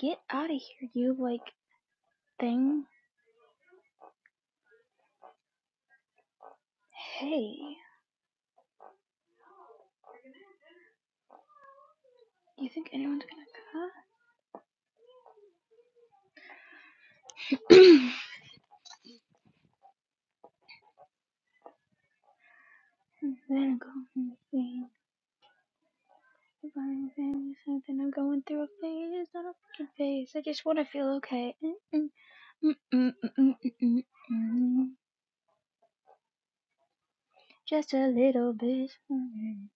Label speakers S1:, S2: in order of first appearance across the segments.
S1: Get out of here, you like thing. Hey, do you think anyone's gonna come? then go from the thing. If I'm feeling something, I'm going through a phase. It's not a fucking phase. I just wanna feel okay. Mm-mm, mm-mm, mm-mm, mm-mm, mm-mm. Just a little bit. Mm.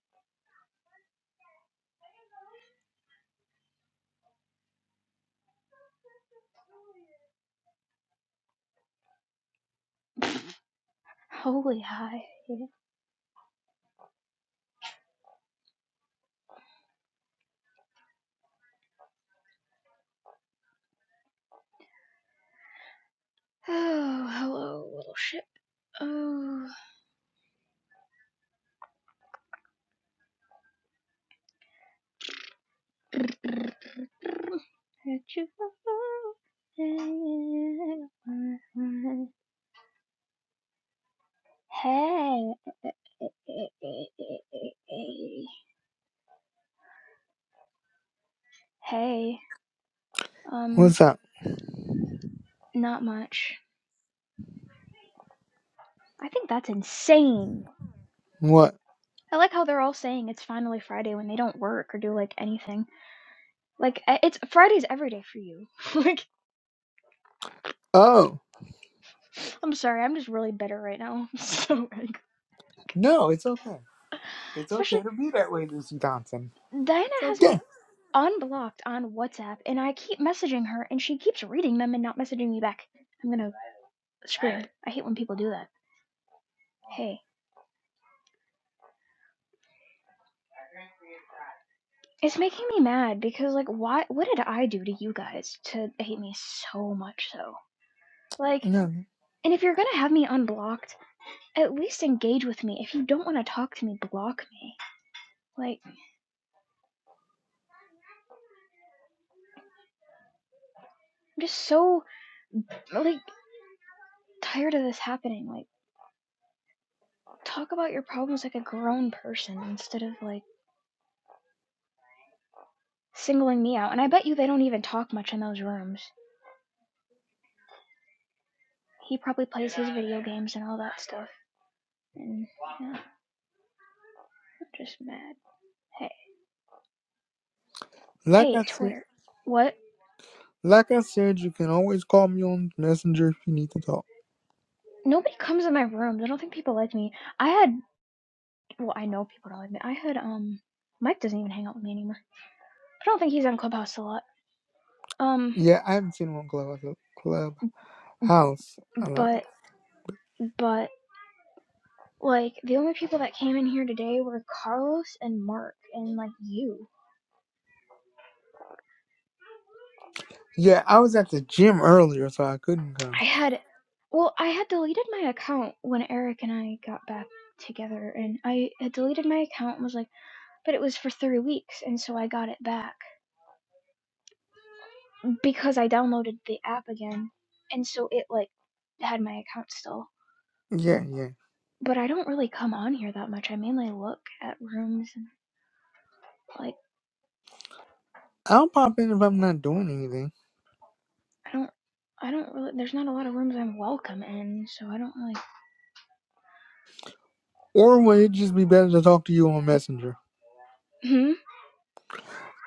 S1: Holy high. Oh, hello, little shit. Oh. Let you go. Hey, eh, eh, eh, eh, eh, eh, eh, eh, eh, eh. hey, um,
S2: What's up?
S1: not much. I think that's insane.
S2: What?
S1: I like how they're all saying it's finally Friday when they don't work or do like anything. Like I- it's Friday's every day for you. like,
S2: Oh,
S1: I'm sorry, I'm just really bitter right now. I'm so angry.
S2: no, it's okay. It's
S1: Especially
S2: okay to be that way, Lucy Thompson.
S1: Diana
S2: It's
S1: has
S2: okay.
S1: me unblocked on WhatsApp, and I keep messaging her, and she keeps reading them and not messaging me back. I'm gonna scream. I hate when people do that. Hey. It's making me mad because like why what did I do to you guys to hate me so much so? Like
S2: No,
S1: and if you're gonna have me unblocked, at least engage with me. If you don't wanna talk to me, block me. Like I'm just so like tired of this happening. Like talk about your problems like a grown person instead of like singling me out. And I bet you they don't even talk much in those rooms. He probably plays his video games and all that stuff. And yeah, I'm just mad. Hey
S2: like
S1: hey
S2: I said,
S1: Twitter. What?
S2: like I said, you can always call me on Messenger if you need to talk.
S1: Nobody comes in my rooms. I don't think people like me. I had, well, I know people don't like me. I had, um, Mike doesn't even hang out with me anymore. I don't think he's on Clubhouse a lot. Um,
S2: Yeah, I haven't seen one club club house a lot.
S1: but, but, like, the only people that came in here today were Carlos and Mark and, like, you.
S2: Yeah, I was at the gym earlier, so I couldn't come.
S1: I had, well, I had deleted my account when Eric and I got back together, and I had deleted my account and was like, but it was for three weeks, and so I got it back because I downloaded the app again, and so it, like, had my account still
S2: Yeah, yeah.
S1: but I don't really come on here that much. I mainly look at rooms and like
S2: I'll pop in if I'm not doing anything.
S1: I don't I don't really there's not a lot of rooms I'm welcome in, so I don't really
S2: Or would it just be better to talk to you on Messenger?
S1: Hmm?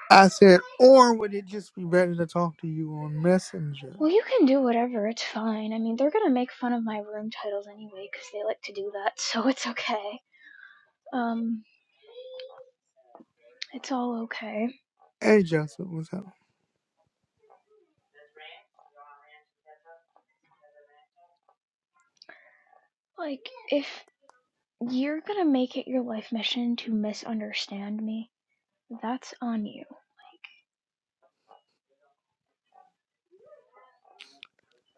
S2: I said, or would it just be better to talk to you on Messenger?
S1: Well, you can do whatever. It's fine. I mean, they're going to make fun of my room titles anyway cuz they like to do that, so it's okay. Um it's all okay.
S2: Hey, Joseph, what's up?
S1: Like if you're going to make it your life mission to misunderstand me, that's on you. Like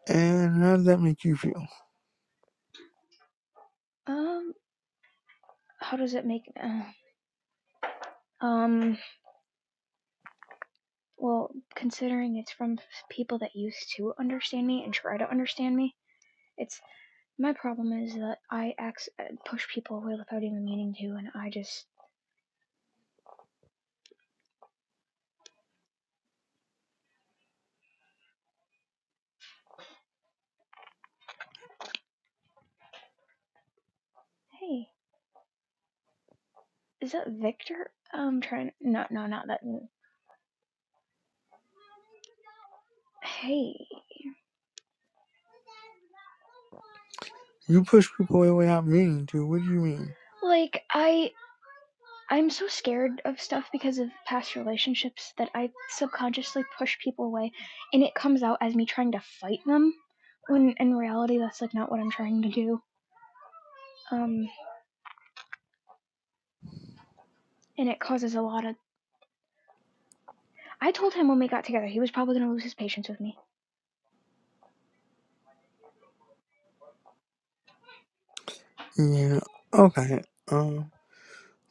S2: And how does that make you feel?
S1: um how does it make uh, um well, considering it's from people that used to understand me and try to understand me, it's my problem is that I ex- push people away without even meaning to, and I just hey, is that Victor? I'm trying. No, no, not that. mm, Hey,
S2: You push people away without meaning to. What do you mean?
S1: like I, I'm so scared of stuff because of past relationships that I subconsciously push people away, and it comes out as me trying to fight them. When in reality, that's like not what I'm trying to do. Um, and it causes a lot of I told him when we got together he was probably going to lose his patience with me.
S2: Yeah. Okay. Um.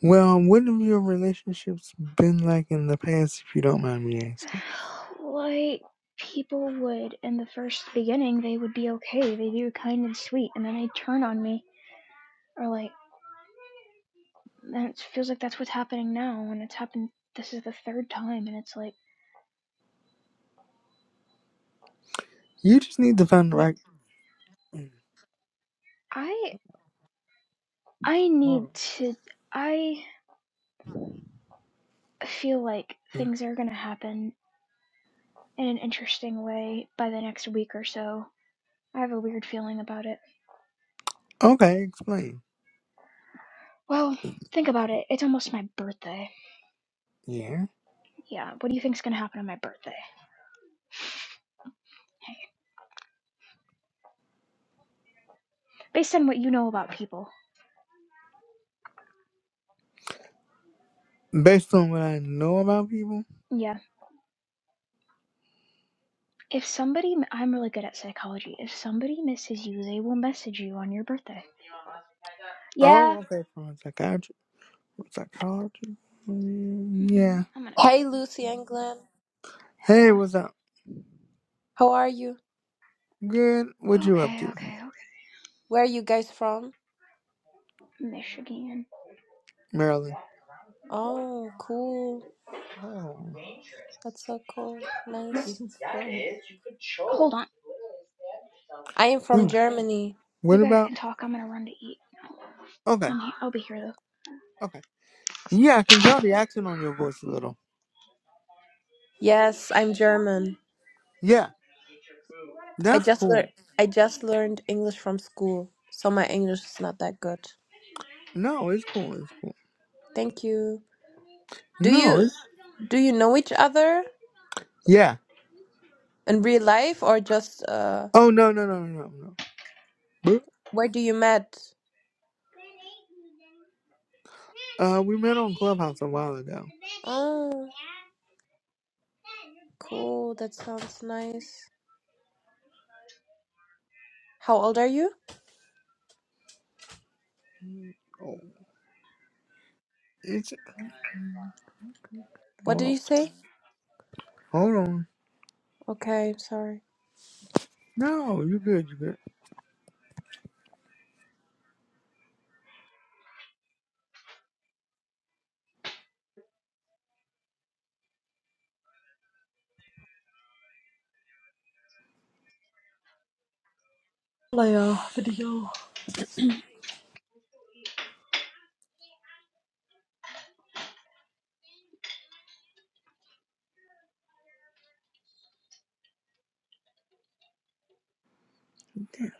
S2: Well, what have your relationships been like in the past, if you don't mind me asking?
S1: like people would in the first beginning, they would be okay. They'd be kind and sweet, and then they'd turn on me or like. And it feels like that's what's happening now, and it's happened. This is the third time, and it's like
S2: You just need to find the right. Mm,
S1: I I
S2: Hold
S1: need to. I feel like
S2: on. Mm.
S1: things are gonna happen in an interesting way by the next week or so. I have a weird feeling about it.
S2: Okay, explain.
S1: Well, think about it. It's almost my birthday.
S2: Yeah.
S1: Yeah, what do you think's gonna happen on my birthday? based on what you know about people.
S2: Based on what I know about people.
S1: Yeah. If somebody, I'm really good at psychology. If somebody misses you, they will message you on your birthday. Yeah.
S2: Oh, okay. From a psychiatrist, psychologist. Mm,
S1: hmm
S2: Yeah.
S1: I'm gonna.
S3: Hey Lucy and Glenn,
S2: Hey,
S1: Uh,
S2: what's up?
S3: how are you?
S2: Good. What you up
S1: okay,
S2: to,
S1: okay, okay.
S3: Where are you guys from?
S1: Michigan.
S2: Marilyn?
S3: Oh, cool.
S2: Oh.
S3: That's so cool. Nice. Mhm.
S1: Yeah, it is. You could choke. Hold on.
S3: I am from
S2: Ooh.
S3: Germany.
S2: What
S1: You guys
S2: about?
S1: can talk. I'm gonna run to eat.
S2: Okay.
S1: I'm he- I'll be here though.
S2: Okay. Yeah, I can tell the accent on your voice a little.
S3: Yes, I'm German.
S2: Yeah,
S3: I
S2: that's
S3: just lear-
S2: cool.
S3: I just learned English from school, so my English is not that good.
S2: No, it's cool. It's cool.
S3: Thank you. Do
S2: No,
S3: you
S2: it's
S3: do you know each other
S2: yeah.
S3: in real life or just uh
S2: Oh no no no no no. But
S3: where do you met?
S2: uh, we met on Clubhouse a while ago.
S3: Oh, cool. That sounds nice. How old are you?
S2: Mm, Oh, it's
S3: What
S2: hold
S3: did
S2: on,
S3: you say?
S2: hold on.
S3: Okay, sorry.
S2: No, you good, you good.
S3: Playoff video.
S2: Damn.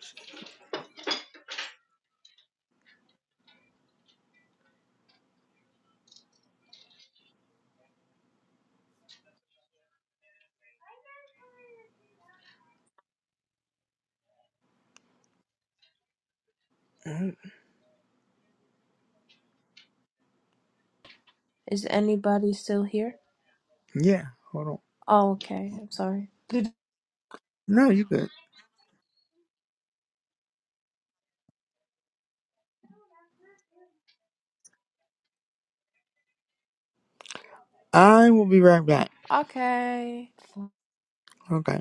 S2: Mm,
S3: Is anybody still here?
S2: Yeah, hold on.
S3: Oh, okay. I'm sorry.
S2: No, you good. I will be right back.
S3: Okay.
S2: Okay.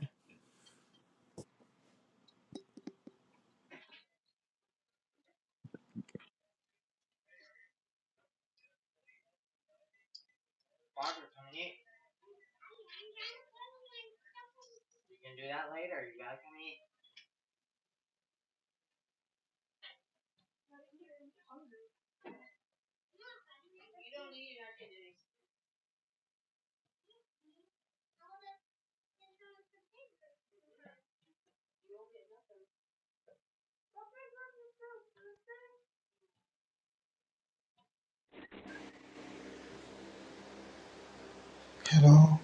S4: Hello.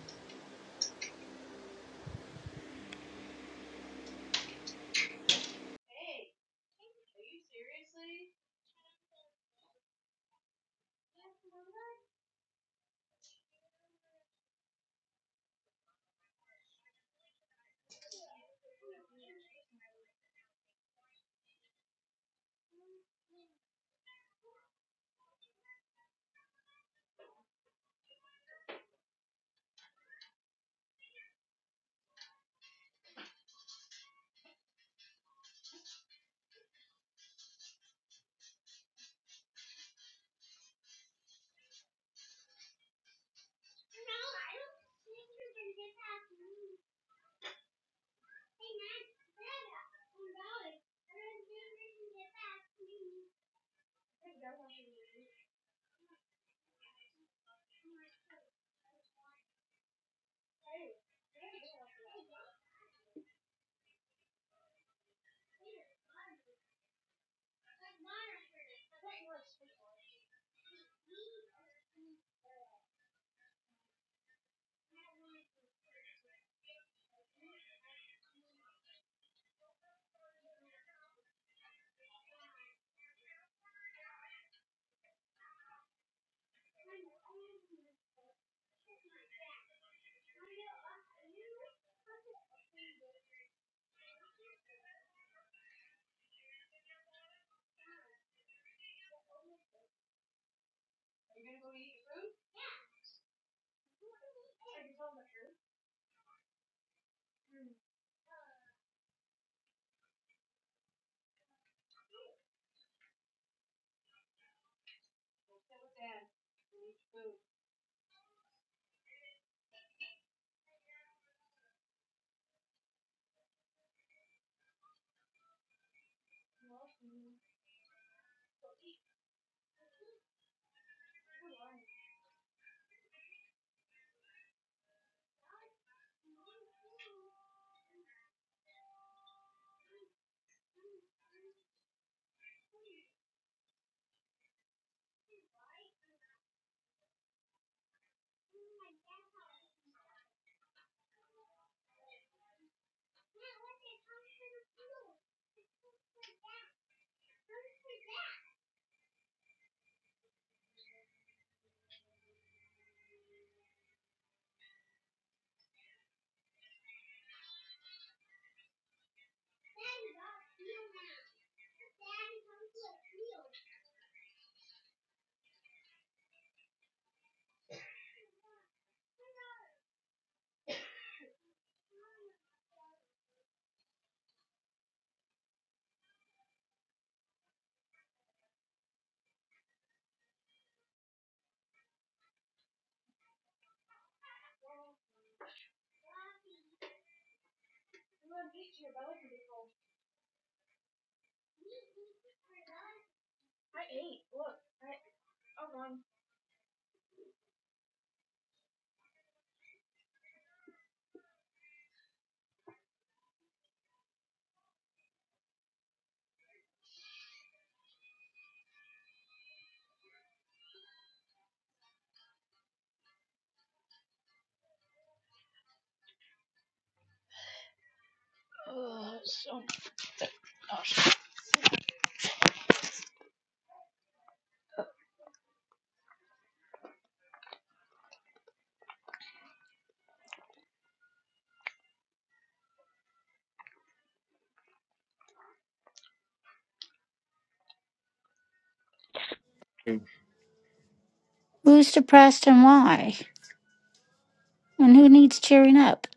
S1: Oh, So.
S5: Who's depressed and why? And who needs cheering up?